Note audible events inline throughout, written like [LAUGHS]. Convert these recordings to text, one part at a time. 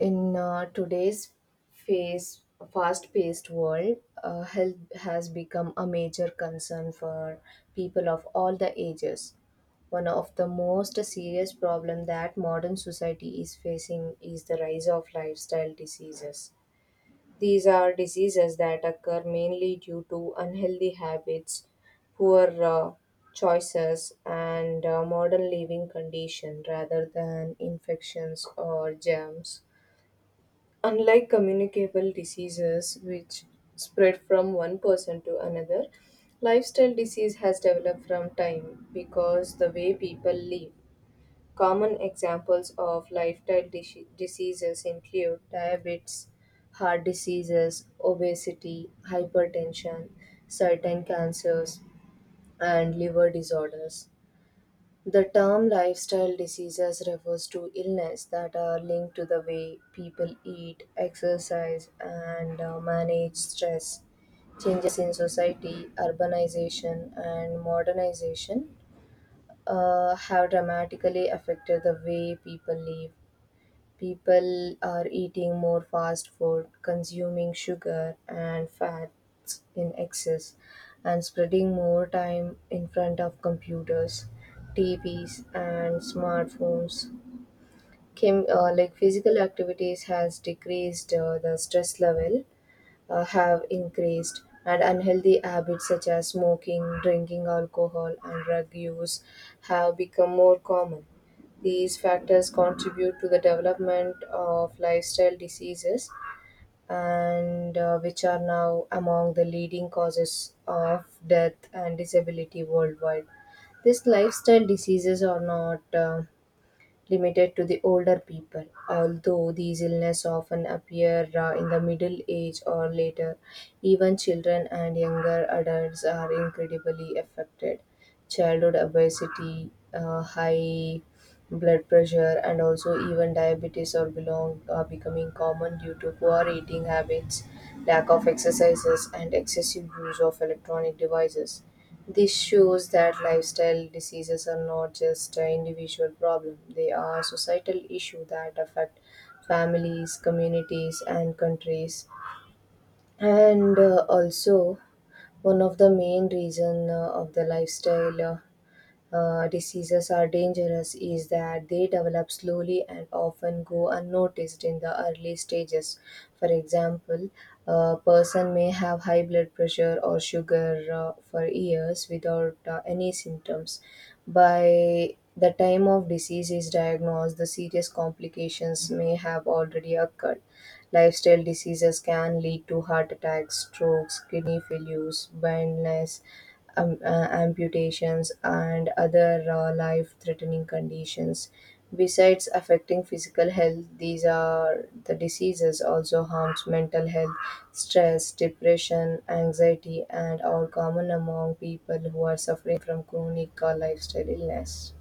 In today's phase, fast-paced world, health has become a major concern for people of all the ages. One of the most serious problem that modern society is facing is the rise of lifestyle diseases. These are diseases that occur mainly due to unhealthy habits, poor choices, and modern living condition rather than infections or germs. Unlike communicable diseases, which spread from one person to another, lifestyle disease has developed from time because the way people live. Common examples of diseases include diabetes, heart diseases, obesity, hypertension, certain cancers, and liver disorders. The term lifestyle diseases refers to illness that are linked to the way people eat, exercise, and manage stress. Changes in society, urbanization, and modernization have dramatically affected the way people live. People are eating more fast food, consuming sugar and fats in excess, and spreading more time in front of computers, TVs, and smartphones. Like physical activities has decreased, the stress level have increased, and unhealthy habits such as smoking, drinking alcohol, and drug use have become more common. These factors contribute to the development of lifestyle diseases, and which are now among the leading causes of death and disability worldwide. These lifestyle diseases are not limited to the older people, although these illnesses often appear in the middle age or later. Even children and younger adults are incredibly affected. Childhood obesity, high blood pressure, and also even diabetes or belong are becoming common due to poor eating habits, lack of exercises, and excessive use of electronic devices. This shows that lifestyle diseases are not just an individual problem; they are societal issues that affect families, communities, and countries. And also, one of the main reasons of the lifestyle diseases are dangerous is that they develop slowly and often go unnoticed in the early stages. For example, a person may have high blood pressure or sugar for years without any symptoms. By the time of disease is diagnosed, the serious complications may have already occurred. Lifestyle diseases can lead to heart attacks, strokes, kidney failures, blindness, amputations, and other life threatening conditions. Besides affecting physical health, these are the diseases also harms mental health. Stress, depression, anxiety, and are common among people who are suffering from chronic lifestyle illness.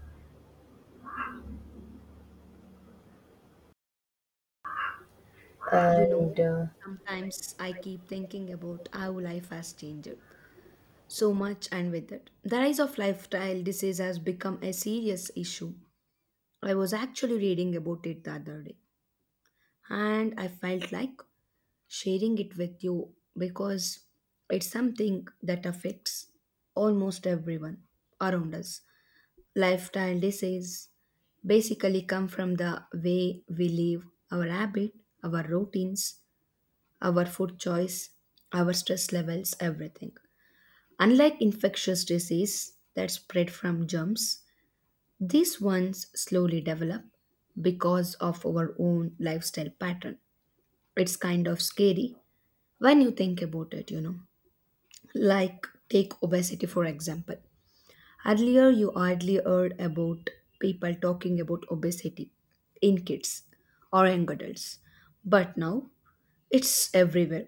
You know, And sometimes I keep thinking about how life has changed so much, and with it, the rise of lifestyle disease has become a serious issue. I was actually reading about it the other day, and I felt like sharing it with you because it's something that affects almost everyone around us. Lifestyle disease basically come from the way we live, our habit, our routines, our food choice, our stress levels, everything. Unlike infectious disease that spread from germs, these ones slowly develop because of our own lifestyle pattern. It's kind of scary when you think about it, you know. Like take obesity for example. Earlier you hardly heard about people talking about obesity in kids or young adults. But now it's everywhere.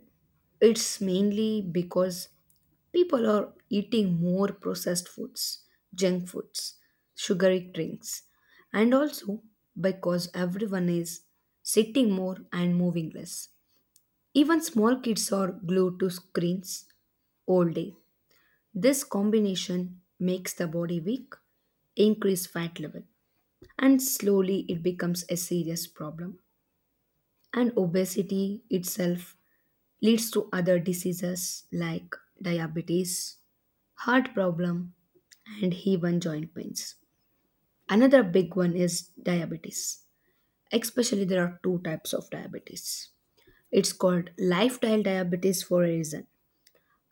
It's mainly because people are eating more processed foods, junk foods, sugary drinks, and also because everyone is sitting more and moving less. Even small kids are glued to screens all day. This combination makes the body weak, increase fat level, and slowly it becomes a serious problem. And obesity itself leads to other diseases like diabetes, heart problem and even joint pains. Another big one is diabetes. Especially there are two types of diabetes. It's called lifestyle diabetes for a reason.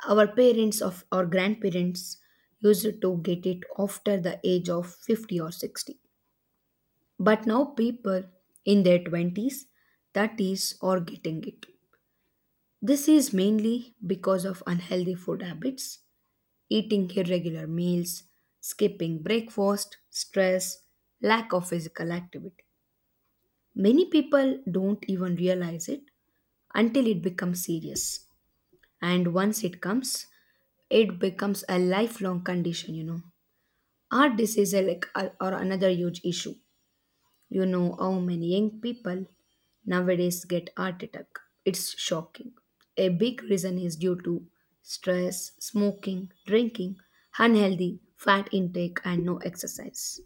Our parents of or grandparents used to get it after the age of 50 or 60, but now people in their 20s, 30s are getting it. This is mainly because of unhealthy food habits. Eating irregular meals, skipping breakfast, stress, lack of physical activity. Many people don't even realize it until it becomes serious. And once it comes, it becomes a lifelong condition, you know. Heart disease is like or another huge issue. You know how many young people nowadays get heart attack. It's shocking. A big reason is due to stress, smoking, drinking, unhealthy fat intake and no exercise.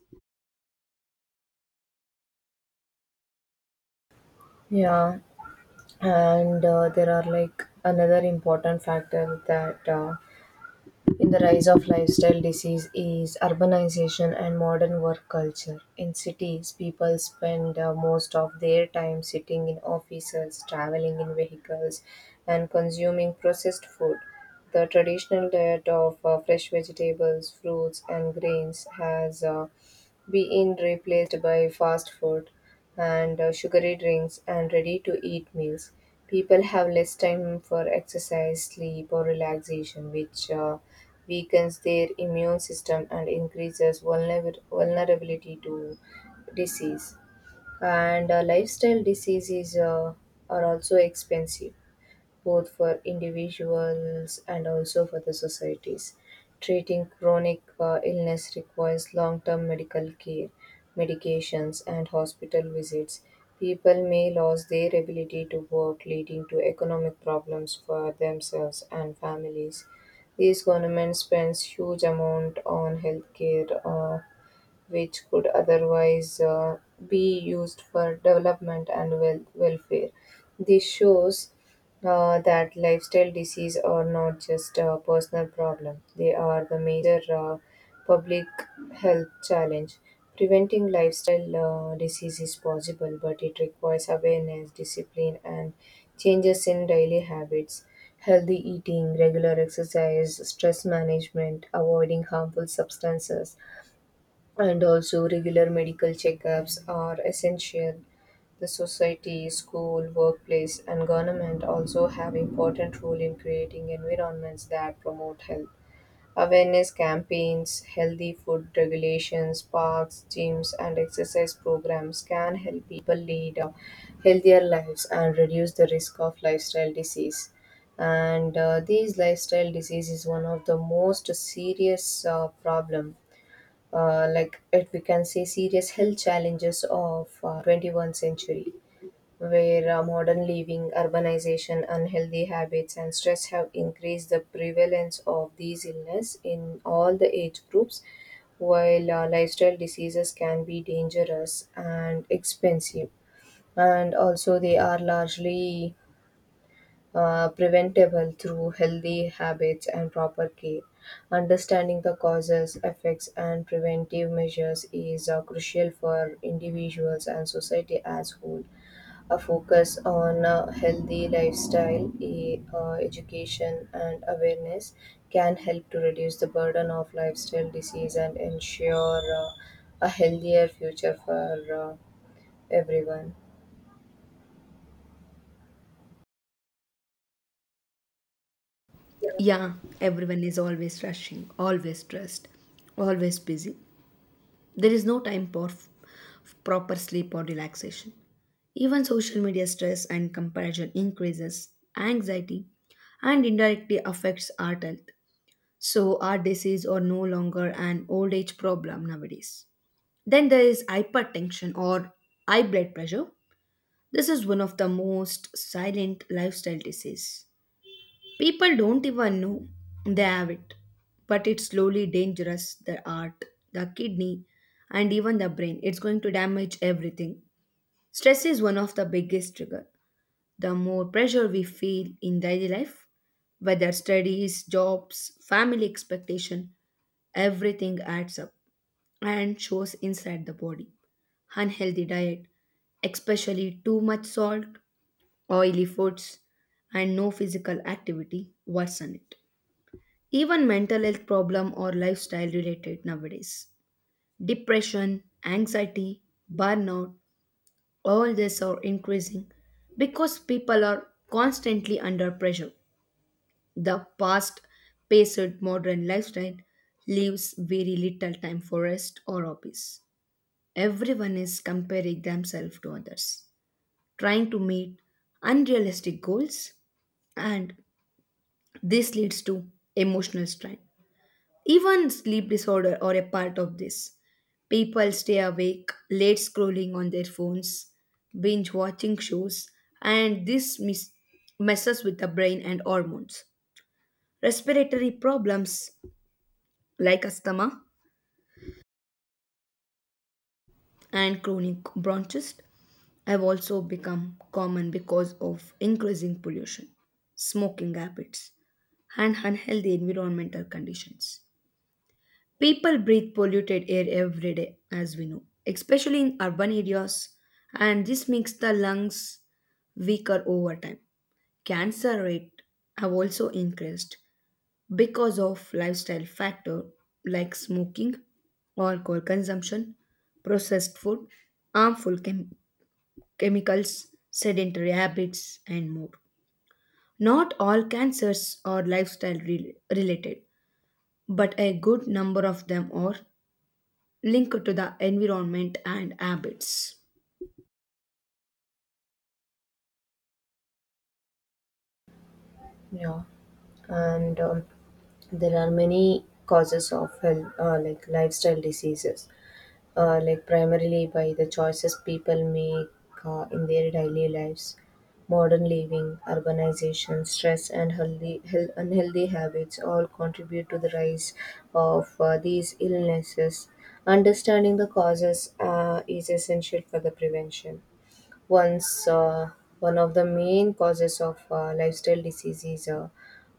Yeah, and there are like another important factor that in the rise of lifestyle disease is urbanization and modern work culture. In cities, people spend most of their time sitting in offices, traveling in vehicles, and consuming processed food. The traditional diet of fresh vegetables, fruits, and grains has been replaced by fast food and sugary drinks and ready to eat meals. People have less time for exercise, sleep, or relaxation, which weakens their immune system and increases vulnerability to disease. And Lifestyle diseases are also expensive both for individuals and also for the societies. Treating chronic illness requires long term medical care, medications, and hospital visits. People may lose their ability to work, leading to economic problems for themselves and families. These governments spends huge amount on healthcare which could otherwise be used for development and welfare. This shows that lifestyle disease are not just a personal problem; they are the major public health challenge. Preventing lifestyle disease is possible, but it requires awareness, discipline, and changes in daily habits. Healthy eating, regular exercise, stress management, avoiding harmful substances, and also regular medical checkups are essential. The society, school, workplace, and government also have important role in creating environments that promote health. Awareness campaigns, healthy food regulations, parks, gyms, and exercise programs can help people lead healthier lives and reduce the risk of lifestyle disease. And These lifestyle disease is one of the most serious problem, like it, we can say serious health challenges of 21st century, where modern living, urbanization, unhealthy habits, and stress have increased the prevalence of these illness in all the age groups, while lifestyle diseases can be dangerous and expensive, and also they are largely preventable through healthy habits and proper care. Understanding the causes, effects, and preventive measures is crucial for individuals and society as whole. A focus on a healthy lifestyle, education, and awareness can help to reduce the burden of lifestyle disease and ensure a healthier future for everyone. Yeah, everyone is always rushing, always stressed, always busy. There is no time for proper sleep or relaxation. Even social media stress and comparison increases anxiety and indirectly affects our health. So our disease are no longer an old age problem nowadays. Then there is hypertension or high blood pressure. This is one of the most silent lifestyle disease. People don't even know they have it, but it's slowly dangerous the heart, the kidney, and even the brain. It's going to damage everything. Stress is one of the biggest trigger. The more pressure we feel in daily life, whether studies, jobs, family expectation, everything adds up and shows inside the body. Unhealthy diet, especially too much salt, oily foods, and no physical activity worsen it. Even mental health problem or lifestyle related nowadays. Depression, anxiety, burnout, all these are increasing because people are constantly under pressure. The past paced modern lifestyle leaves very little time for rest or hobbies. Everyone is comparing themselves to others, trying to meet unrealistic goals, and this leads to emotional strain. Even sleep disorder are a part of this. People stay awake, late scrolling on their phones, binge watching shows, and this messes with the brain and hormones. Respiratory problems like asthma and chronic bronchitis have also become common because of increasing pollution, smoking habits, and unhealthy environmental conditions. People breathe polluted air every day, as we know, especially in urban areas, and this makes the lungs weaker over time. Cancer rate have also increased because of lifestyle factor like smoking, alcohol consumption, processed food, harmful chem- chemicals, sedentary habits, and more. Not all cancers are related, but a good number of them are linked to the environment and habits. Yeah, and there are many causes of health, like lifestyle diseases, like primarily by the choices people make in their daily lives. Modern living, urbanization, stress, and unhealthy habits all contribute to the rise of these illnesses. Understanding the causes is essential for the prevention. Once One of the main causes of lifestyle disease is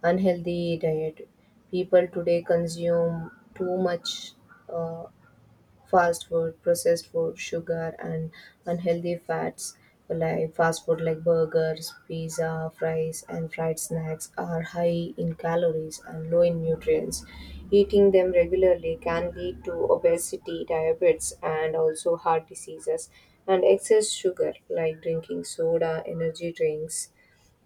unhealthy diet. People today consume too much uh, fast food, processed food, sugar, and unhealthy fats, like fast food like burgers, pizza, fries, and fried snacks are high in calories and low in nutrients. Eating them regularly can lead to obesity, diabetes, and also heart diseases. And excess sugar like drinking soda, energy drinks,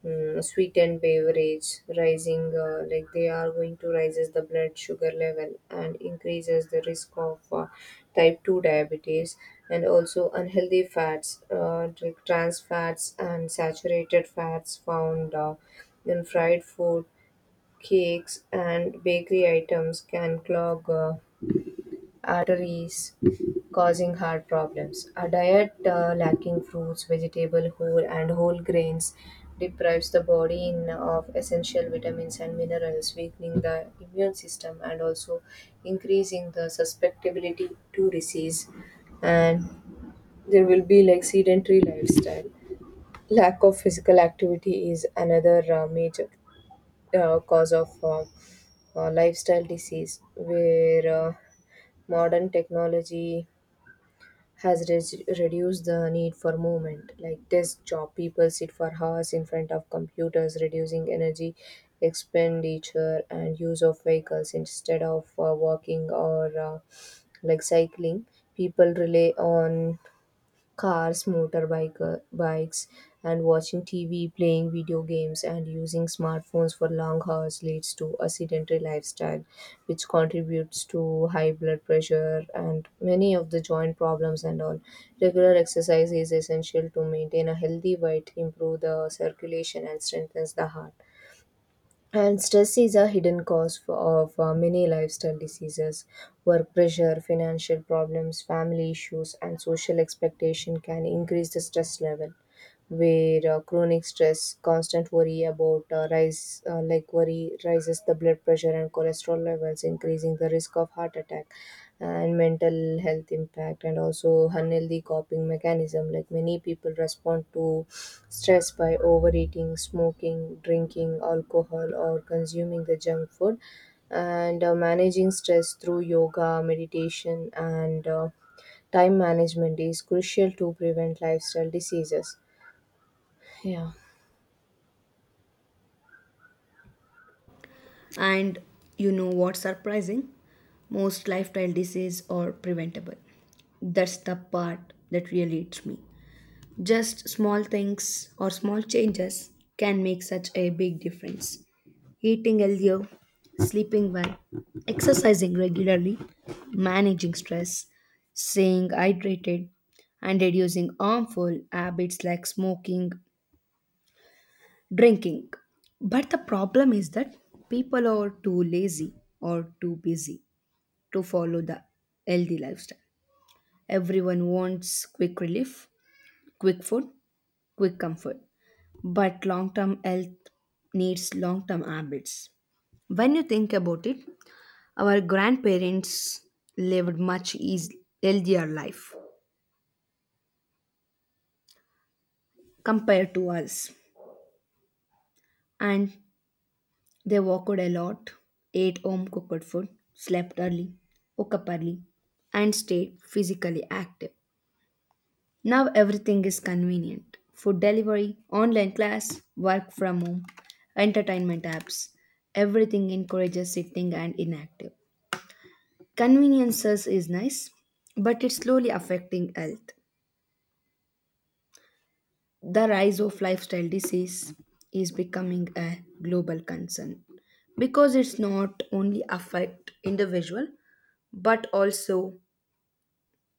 sweetened beverage rising like they are going to raises the blood sugar level and increases the risk of type 2 diabetes, and also unhealthy fats like trans fats and saturated fats found in fried food, cakes, and bakery items can clog arteries, causing heart problems. A diet lacking fruits, vegetable, whole grains deprives the body of essential vitamins and minerals, weakening the immune system and also increasing the susceptibility to disease. And there will be like sedentary lifestyle. Lack of physical activity is another major cause of lifestyle disease, where modern technology has reduced the need for movement. Like desk job, people sit for hours in front of computers, reducing energy expenditure and use of vehicles instead of walking or like cycling. People rely on cars, motorbike, bikes, and watching TV, playing video games, and using smartphones for long hours leads to a sedentary lifestyle, which contributes to high blood pressure and many of the joint problems and all. Regular exercise is essential to maintain a healthy weight, improve the circulation, and strengthens the heart. And stress is a hidden cause of many lifestyle diseases. Work pressure, financial problems, family issues, and social expectation can increase the stress level. Where chronic stress, constant worry about like worry, rises the blood pressure and cholesterol levels, increasing the risk of heart attack and mental health impact, and also unhealthy coping mechanism like many people respond to stress by overeating, smoking, drinking alcohol, or consuming the junk food. And Managing stress through yoga, meditation, and time management is crucial to prevent lifestyle diseases. Yeah, And you know what's surprising? Most lifestyle diseases are preventable. That's the part that really hits me. Just small things or small changes can make such a big difference. Eating healthier, sleeping well, exercising regularly, managing stress, staying hydrated, and reducing harmful habits like smoking, drinking. But the problem is that people are too lazy or too busy to follow the healthy lifestyle. Everyone wants quick relief, quick food, quick comfort, but long term health needs long term habits. When you think about it, our grandparents lived healthier life compared to us, and they walked a lot, ate home cooked food, slept early, woke up early, and stayed physically active. Now everything is convenient food delivery, online class, work from home, entertainment apps. Everything encourages sitting and inactive. Conveniences is nice, but it's slowly affecting health. The rise of lifestyle disease is becoming a global concern because it's not only affect individual but also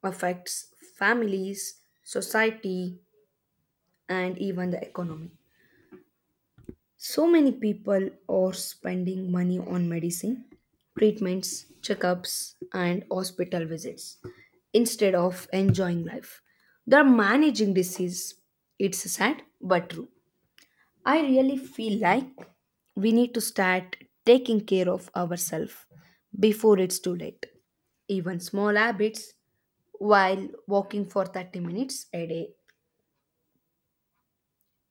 affects families, society and even the economy. So many people are spending money on medicine, treatments, checkups and hospital visits instead of enjoying life. They're managing disease. It's sad but true. I really feel like we need to start taking care of ourselves before it's too late. Even small habits while walking for 30 minutes a day,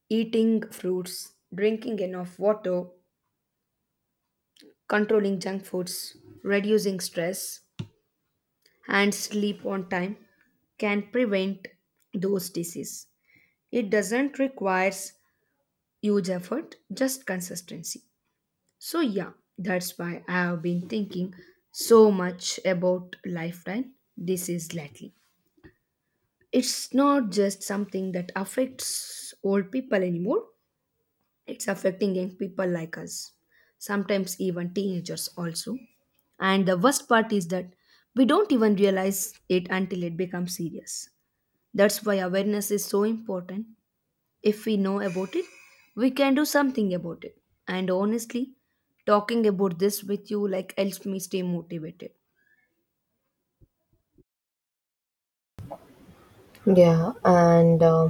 eating fruits, drinking enough water, controlling junk foods, reducing stress, and sleep on time can prevent those diseases. It doesn't requires huge effort, just consistency. So, yeah, that's why I have been thinking so much about lifeline disease lately. It's not just something that affects old people anymore, it's affecting young people like us, sometimes even teenagers also. And the worst part is that we don't even realize it until it becomes serious. That's why awareness is so important. If we know about it, we can do something about it. And honestly, talking about this with you like helps me stay motivated. yeah, and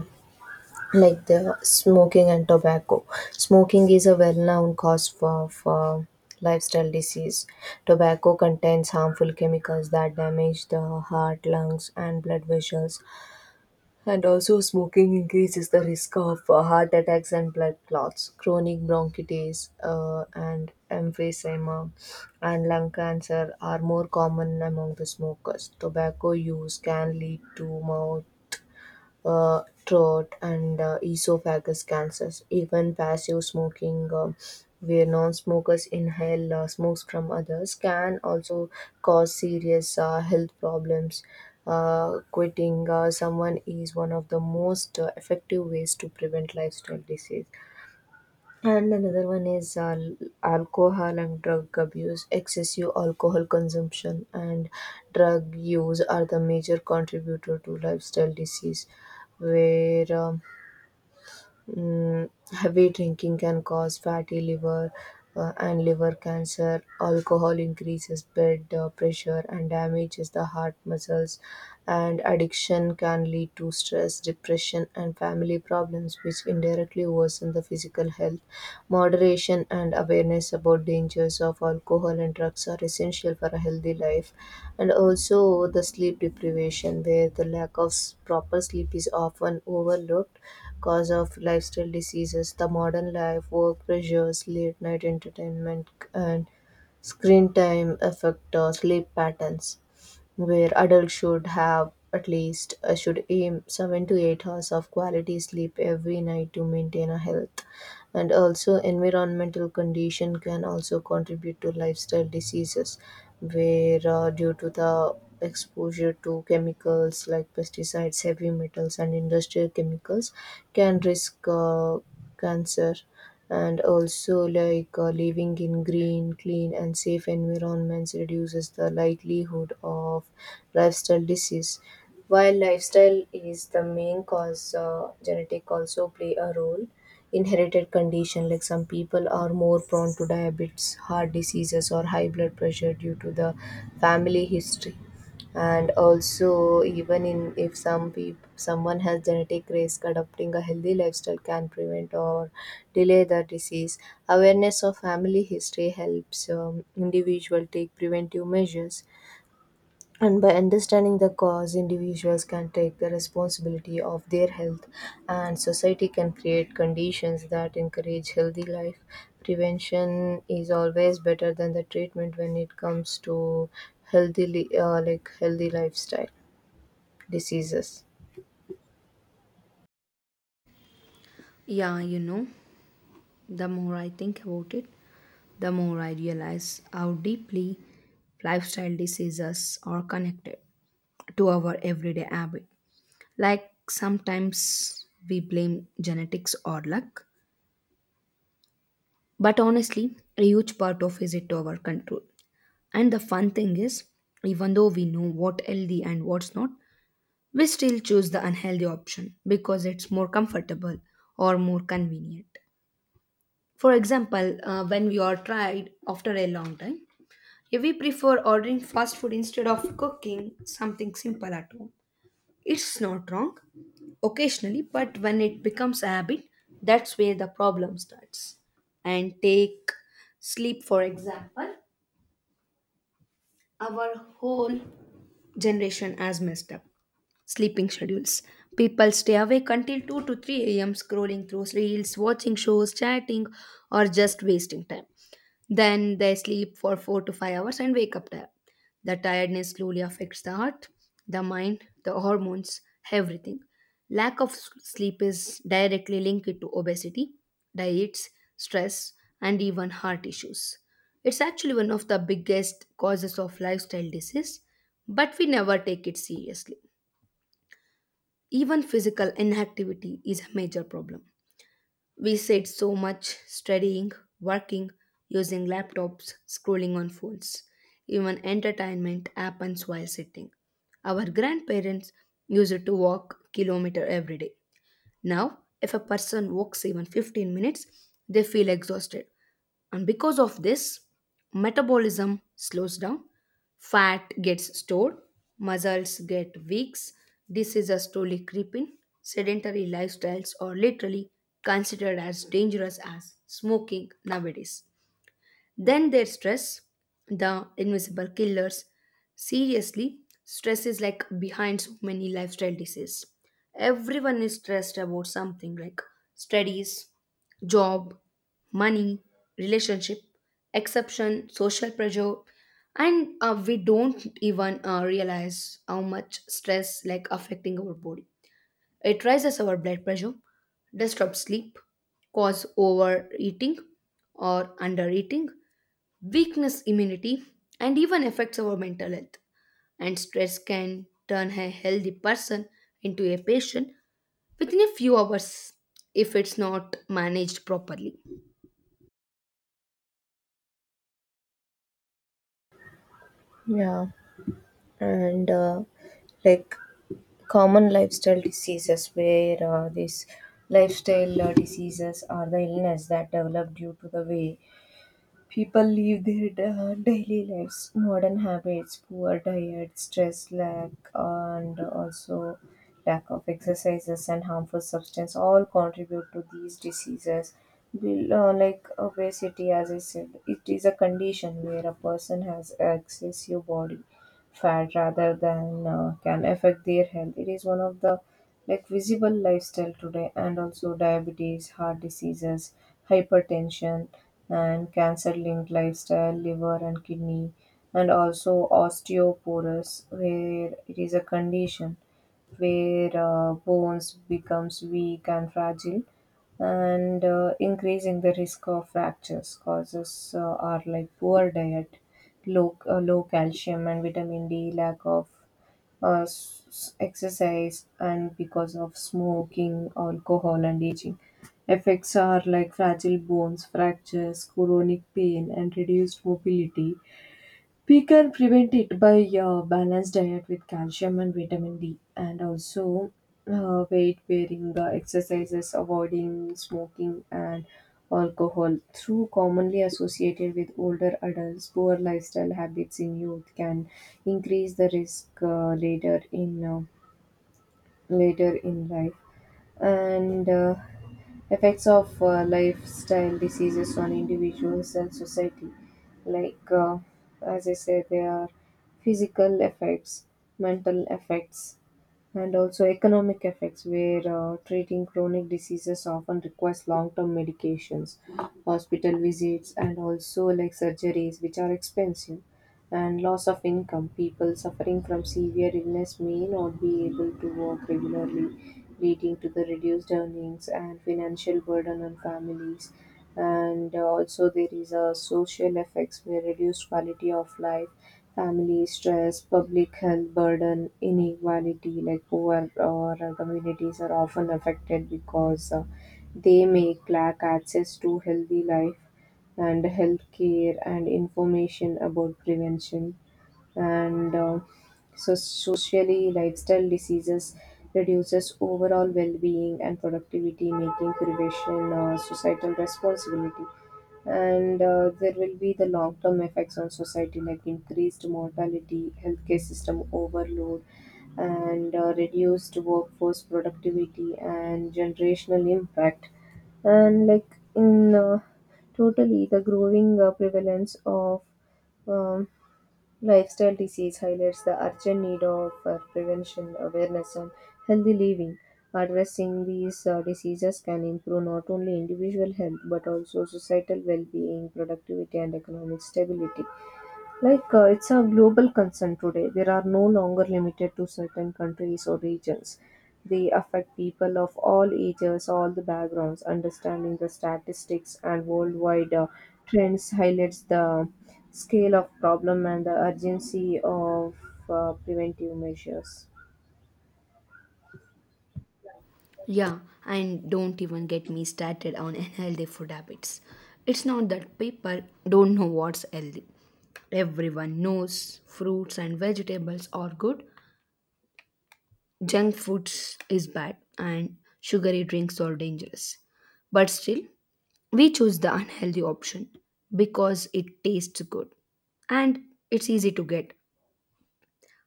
like the smoking and tobacco. Smoking is a well-known for lifestyle disease. Tobacco contains harmful chemicals that damage the heart, lungs, and blood vessels. And also, smoking increases the risk of heart attacks and blood clots, chronic bronchitis, and emphysema, and lung cancer are more common among the smokers. Tobacco use can lead to mouth, throat, and esophagus cancers. Even passive smoking, where non smokers inhale smokes from others, can also cause serious health problems. Quitting someone is one of the most effective ways to prevent lifestyle disease. And another one is alcohol and drug abuse. Excessive alcohol consumption and drug use are the major contributor to lifestyle disease, where um, heavy drinking can cause fatty liver and liver cancer. Alcohol increases blood pressure and damages the heart muscles. And addiction can lead to stress, depression, and family problems, which indirectly worsen the physical health. Moderation and awareness about dangers of alcohol and drugs are essential for a healthy life. And also, the sleep deprivation, where the lack of proper sleep is often overlooked cause of lifestyle diseases, the modern life, work pressures, late night entertainment, and screen time affect our sleep patterns where adults should have at least should aim 7 to 8 hours of quality sleep every night to maintain a health. And also environmental condition can also contribute to lifestyle diseases where due to the exposure to chemicals like pesticides, heavy metals, and industrial chemicals can risk cancer. And also, like, living in green, clean, and safe environments reduces the likelihood of lifestyle disease. While lifestyle is the main cause, genetic also play a role. Inherited condition, like some people are more prone to diabetes, heart diseases, or high blood pressure due to the family history. And also, even in if some people, someone has genetic risk, adopting a healthy lifestyle can prevent or delay the disease. Awareness of family history helps individual take preventive measures, and by understanding the cause, individuals can take the responsibility of their health, and society can create conditions that encourage healthy life. Prevention is always better than the treatment when it comes to healthy, li- like healthy lifestyle diseases. Yeah, you know, the more I think about it, the more I realize how deeply lifestyle diseases are connected to our everyday habit. Like sometimes we blame genetics or luck, but honestly, a huge part of is it our control. And the fun thing is, even though we know what healthy and what's not, we still choose the unhealthy option because it's more comfortable or more convenient. For example, when we are tired after a long time, if we prefer ordering fast food instead of cooking something simple at home, it's not wrong occasionally, but when it becomes a habit, that's where the problem starts. And take sleep, for example. Our whole generation has messed up sleeping schedules. People stay awake until 2 to 3 a.m. scrolling through reels, watching shows, chatting, or just wasting time. Then they sleep for 4 to 5 hours and wake up tired. The tiredness slowly affects the heart, the mind, the hormones, everything. Lack of sleep is directly linked to obesity, diets, stress, and even heart issues. It's actually one of the biggest causes of lifestyle disease, but we never take it seriously. Even physical inactivity is a major problem. We sit so much studying, working, using laptops, scrolling on phones. Even entertainment happens while sitting. Our grandparents used to walk kilometer every day. Now, if a person walks even 15 minutes, they feel exhausted. And because of this, metabolism slows down, fat gets stored, muscles get weak, diseases slowly creep in. Sedentary lifestyles are literally considered as dangerous as smoking nowadays. Then there's stress, the invisible killers. Seriously, stress is like behind so many lifestyle diseases. Everyone is stressed about something like studies, job, money, relationship, exception, social pressure, and we don't even realize how much stress like affecting our body. It raises our blood pressure, disrupts sleep, cause overeating or undereating, weakness immunity, and even affects our mental health. And stress can turn a healthy person into a patient within a few hours if it's not managed properly. Yeah, and like common lifestyle diseases, where these lifestyle diseases are the illness that develop due to the way people live their daily lives. Modern habits, poor diet, stress, lack, and also lack of exercises and harmful substance all contribute to these diseases. Will, like obesity, as I said, it is a condition where a person has excessive body fat rather than can affect their health. It is one of the like visible lifestyle today. And also diabetes, heart diseases, hypertension, and cancer linked lifestyle, liver and kidney, and also osteoporosis, where it is a condition where bones becomes weak and fragile and increasing the risk of fractures. Causes are like poor diet, low calcium and vitamin D, lack of exercise, and because of smoking, alcohol, and aging. Effects are like fragile bones, fractures, chronic pain, and reduced mobility. We can prevent it by balanced diet with calcium and vitamin D, and also weight bearing exercises, avoiding smoking and alcohol. Through commonly associated with older adults, poor lifestyle habits in youth can increase the risk later in life. And effects of lifestyle diseases on individuals and society, like, as I said, there are physical effects, mental effects, and also economic effects, where treating chronic diseases often requires long-term medications, hospital visits, and also like surgeries which are expensive, and loss of income. People suffering from severe illness may not be able to work regularly, leading to the reduced earnings and financial burden on families. And also, there is a social effects where reduced quality of life, family stress, public health burden, inequality, like poor or communities are often affected because they may lack access to healthy life and healthcare and information about prevention. And so socially, lifestyle diseases reduces overall well-being and productivity, making prevention a societal responsibility. And there will be the long-term effects on society, like increased mortality, healthcare system overload, and reduced workforce productivity and generational impact. And like in totally, the growing prevalence of um, lifestyle disease highlights the urgent need of prevention, awareness, and healthy living. Addressing these diseases can improve not only individual health but also societal well-being, productivity, and economic stability. Like, it's a global concern today. There are no longer limited to certain countries or regions. They affect people of all ages, all the backgrounds. Understanding the statistics and worldwide trends highlights the scale of problem and the urgency of preventive measures. Yeah, and don't even get me started on [LAUGHS] unhealthy food habits. It's not that people don't know what's healthy. Everyone knows fruits and vegetables are good, junk foods is bad, and sugary drinks are dangerous. But still, we choose the unhealthy option because it tastes good and it's easy to get.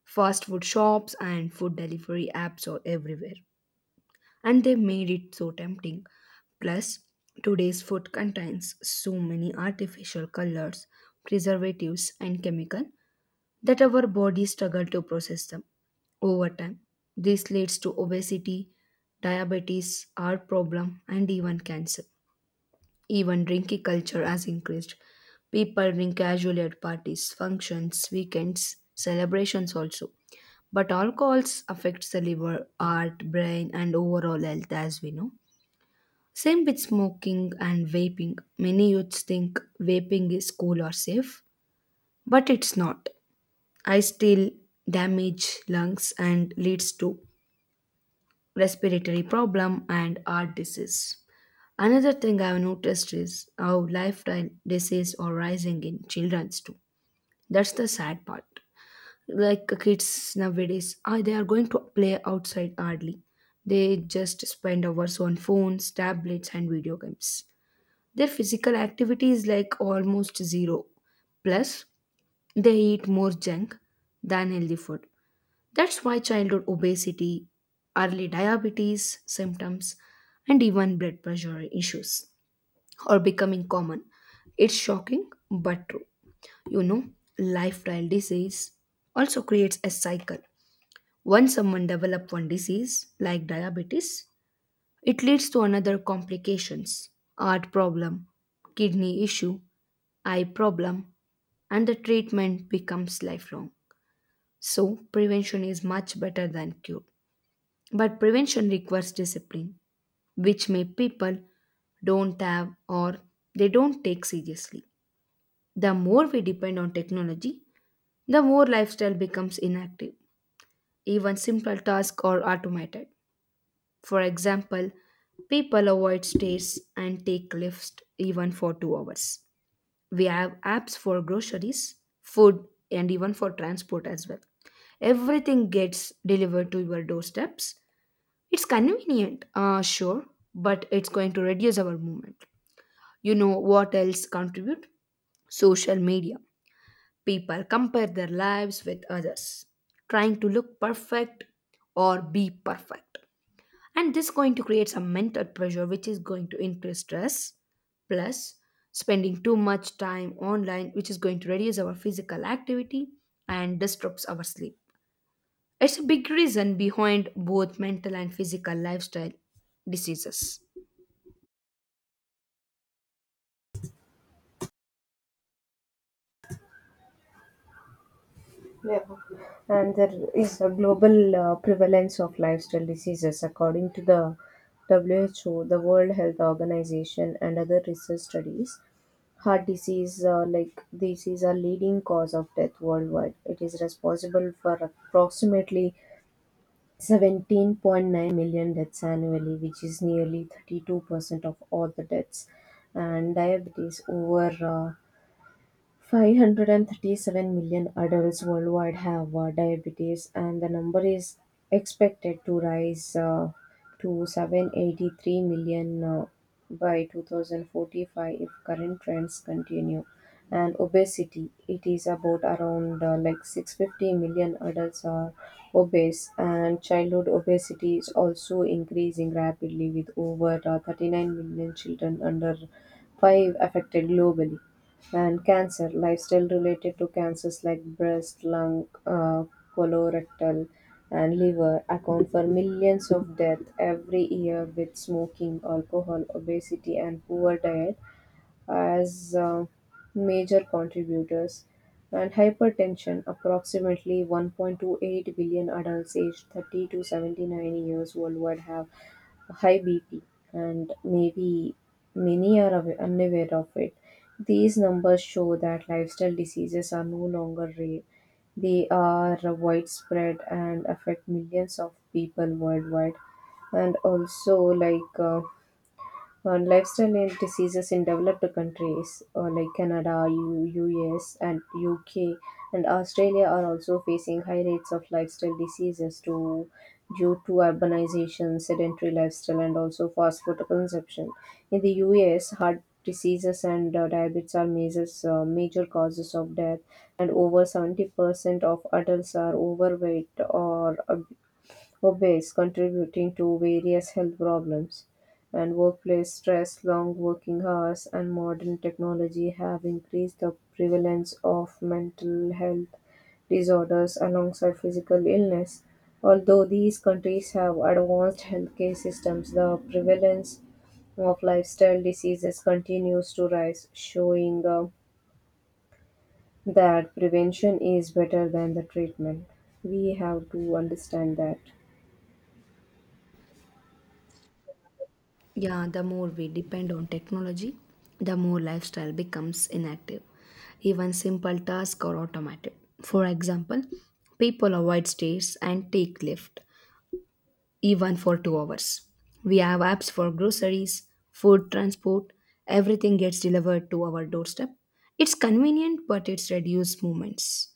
Fast food shops and food delivery apps are everywhere, and they made it so tempting. Plus, today's food contains so many artificial colors, preservatives, and chemicals that our bodies struggle to process them over time. This leads to obesity, diabetes, heart problem, and even cancer. Even drinking culture has increased. People drink casually at parties, functions, weekends, celebrations also. But alcohols affects the liver, heart, brain and overall health as we know. Same with smoking and vaping. Many youths think vaping is cool or safe, but it's not. I still damage lungs and leads to respiratory problem and heart disease. Another thing I've noticed is how lifestyle diseases are rising in children's too. That's the sad part. Like kids nowadays, they are going to play outside hardly. They just spend hours on phones, tablets, and video games. Their physical activity is like almost zero. Plus, they eat more junk than healthy food. That's why childhood obesity, early diabetes symptoms, and even blood pressure issues or becoming common. It's shocking but true. You know, lifestyle disease also creates a cycle. Once someone develops one disease like diabetes, it leads to another complications, heart problem, kidney issue, eye problem, and the treatment becomes lifelong. So, prevention is much better than cure. But prevention requires discipline, which may people don't have or they don't take seriously. The more we depend on technology, the more lifestyle becomes inactive. Even simple tasks are automated. For example, people avoid stairs and take lifts even for two hours. We have apps for groceries, food, and even for transport as well. Everything gets delivered to your doorsteps. It's convenient, sure, but it's going to reduce our movement. You know what else contribute? Social media. People compare their lives with others, trying to look perfect or be perfect. And this going to create some mental pressure which is going to increase stress plus spending too much time online which is going to reduce our physical activity and disrupts our sleep. It's a big reason behind both mental and physical lifestyle diseases. And there is a global prevalence of lifestyle diseases, according to the WHO, the World Health Organization, and other research studies. Heart disease, like this, is a leading cause of death worldwide. It is responsible for approximately 17.9 million deaths annually, which is nearly 32% of all the deaths. And diabetes, over 537 million adults worldwide have diabetes, and the number is expected to rise to 783 million by 2045 if current trends continue. And obesity, it is about around like 650 million adults are obese, and childhood obesity is also increasing rapidly with over 39 million children under 5 affected globally. And cancer, lifestyle related to cancers like breast, lung, colorectal, and liver account for millions of deaths every year, with smoking, alcohol, obesity, and poor diet as major contributors. And hypertension, approximately 1.28 billion adults aged 30 to 79 years worldwide have high BP, and maybe many are unaware of it. These numbers show that lifestyle diseases are no longer rare. They are widespread and affect millions of people worldwide. And also, like, on lifestyle and diseases in developed countries, like Canada, US, and UK, and Australia are also facing high rates of lifestyle diseases to, due to urbanization, sedentary lifestyle, and also fast food consumption. In the US, heart diseases and diabetes are measures, major causes of death, and over 70% of adults are overweight or obese, contributing to various health problems. And workplace stress, long working hours, and modern technology have increased the prevalence of mental health disorders alongside physical illness. Although these countries have advanced healthcare systems, the prevalence of lifestyle diseases continues to rise, showing that prevention is better than the treatment. We have to understand that. Yeah, the more we depend on technology, the more lifestyle becomes inactive. Even simple tasks are automated. For example, people avoid stairs and take lift, even for two hours. We have apps for groceries, food transport, everything gets delivered to our doorstep. It's convenient, but it's reduced movements.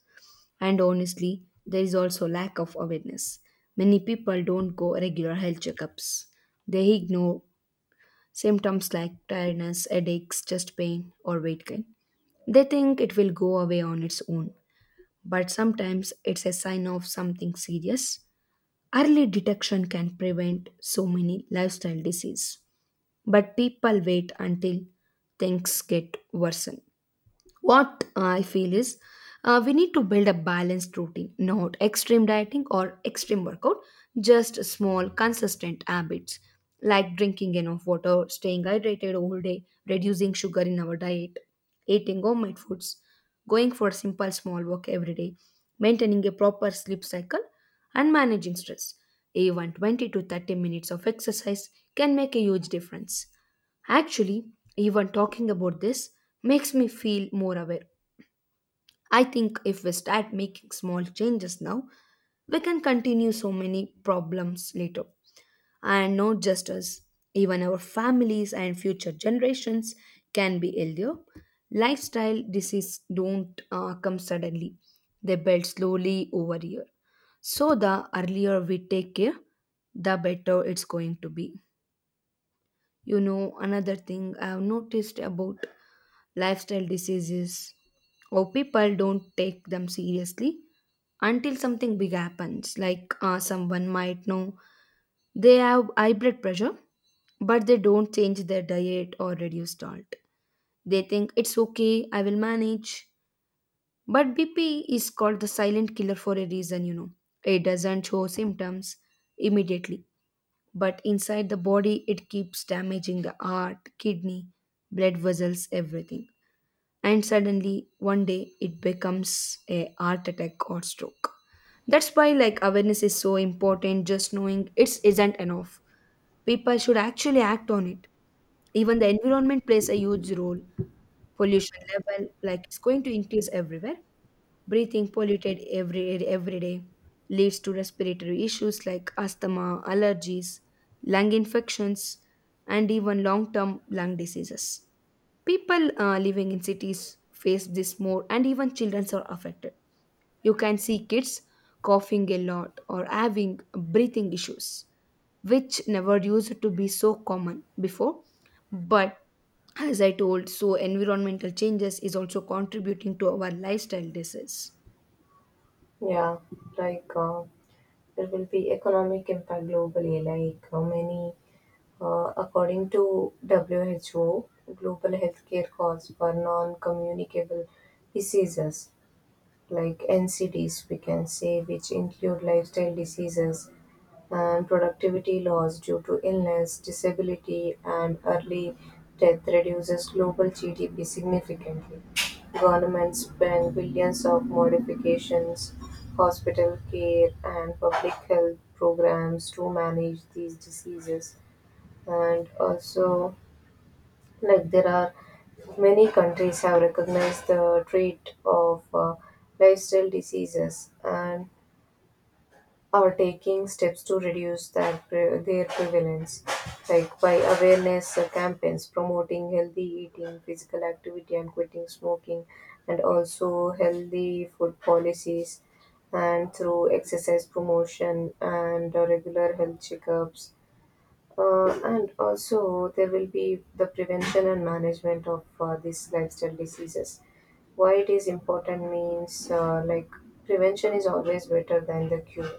And honestly, there is also lack of awareness. Many people don't go regular health checkups. They ignore symptoms like tiredness, headaches, chest pain, or weight gain. They think it will go away on its own, but sometimes it's a sign of something serious. Early detection can prevent so many lifestyle diseases, but people wait until things get worse. What I feel is we need to build a balanced routine, not extreme dieting or extreme workout, just small, consistent habits like drinking enough water, staying hydrated all day, reducing sugar in our diet, eating homemade foods, going for a simple small walk every day, maintaining a proper sleep cycle, and managing stress. Even 20 to 30 minutes of exercise can make a huge difference. Actually, even talking about this makes me feel more aware. I think if we start making small changes now, we can continue so many problems later. And not just us, even our families and future generations can be healthier. Lifestyle disease don't come suddenly, they build slowly over year. So the earlier we take care, the better it's going to be. You know, another thing I've noticed about lifestyle diseases, or people don't take them seriously until something big happens. Like someone might know they have high blood pressure, but they don't change their diet or reduce salt. They think it's okay, I will manage. But BP is called the silent killer for a reason, you know. It doesn't show symptoms immediately, but inside the body, it keeps damaging the heart, kidney, blood vessels, everything, and suddenly one day it becomes a heart attack or stroke. That's why, like, awareness is so important. Just knowing it isn't enough, people should actually act on it. Even the environment plays a huge role. Pollution level, like, it's going to increase everywhere. Breathing polluted every day leads to respiratory issues like asthma, allergies, lung infections, and even long term lung diseases. People living in cities face this more, and even children are affected. You can see kids coughing a lot or having breathing issues, which never used to be so common before. But as I told, so environmental changes is also contributing to our lifestyle disease. Yeah, like, there will be economic impact globally. Like how many, according to WHO, global healthcare costs for non-communicable diseases, like NCDs, we can say, which include lifestyle diseases, and productivity loss due to illness, disability, and early death reduces global GDP significantly. Governments spend billions of modifications, hospital care, and public health programs to manage these diseases. And also, like, there are many countries have recognized the trait of lifestyle diseases and or taking steps to reduce their prevalence, like by awareness campaigns promoting healthy eating, physical activity, and quitting smoking, and also healthy food policies, and through exercise promotion and regular health checkups. And also, there will be the prevention and management of these lifestyle diseases. Why it is important means, like, prevention is always better than the cure.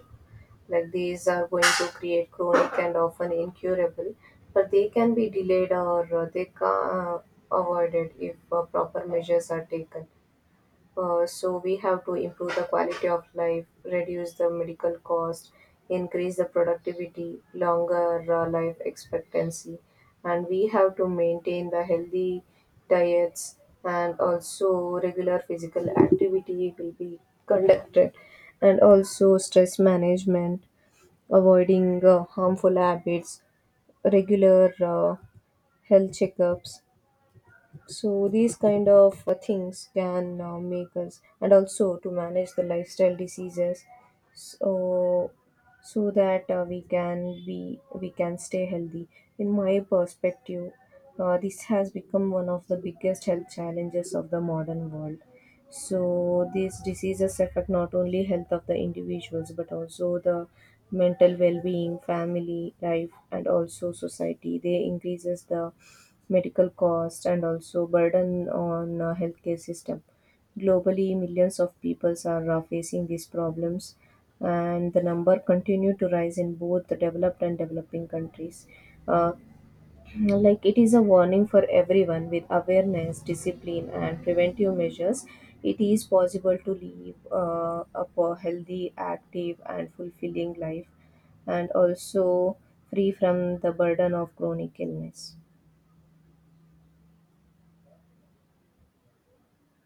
Like these are going to create chronic and often incurable, but they can be delayed or they can avoided if proper measures are taken. So we have to improve the quality of life, reduce the medical cost, increase the productivity, longer life expectancy. And we have to maintain the healthy diets, and also regular physical activity will be conducted, and also stress management, avoiding harmful habits, regular health checkups. So these kind of things can make us, and also to manage the lifestyle diseases, so so that we can stay healthy. In my perspective, this has become one of the biggest health challenges of the modern world. So these diseases affect not only health of the individuals but also the mental well-being, family life, and also society. They increases the medical cost and also burden on healthcare system. Globally, millions of people are facing these problems, and the number continue to rise in both the developed and developing countries. Uh, like it is a warning for everyone. With awareness, discipline, and preventive measures, it is possible to live a healthy, active, and fulfilling life, and also free from the burden of chronic illness.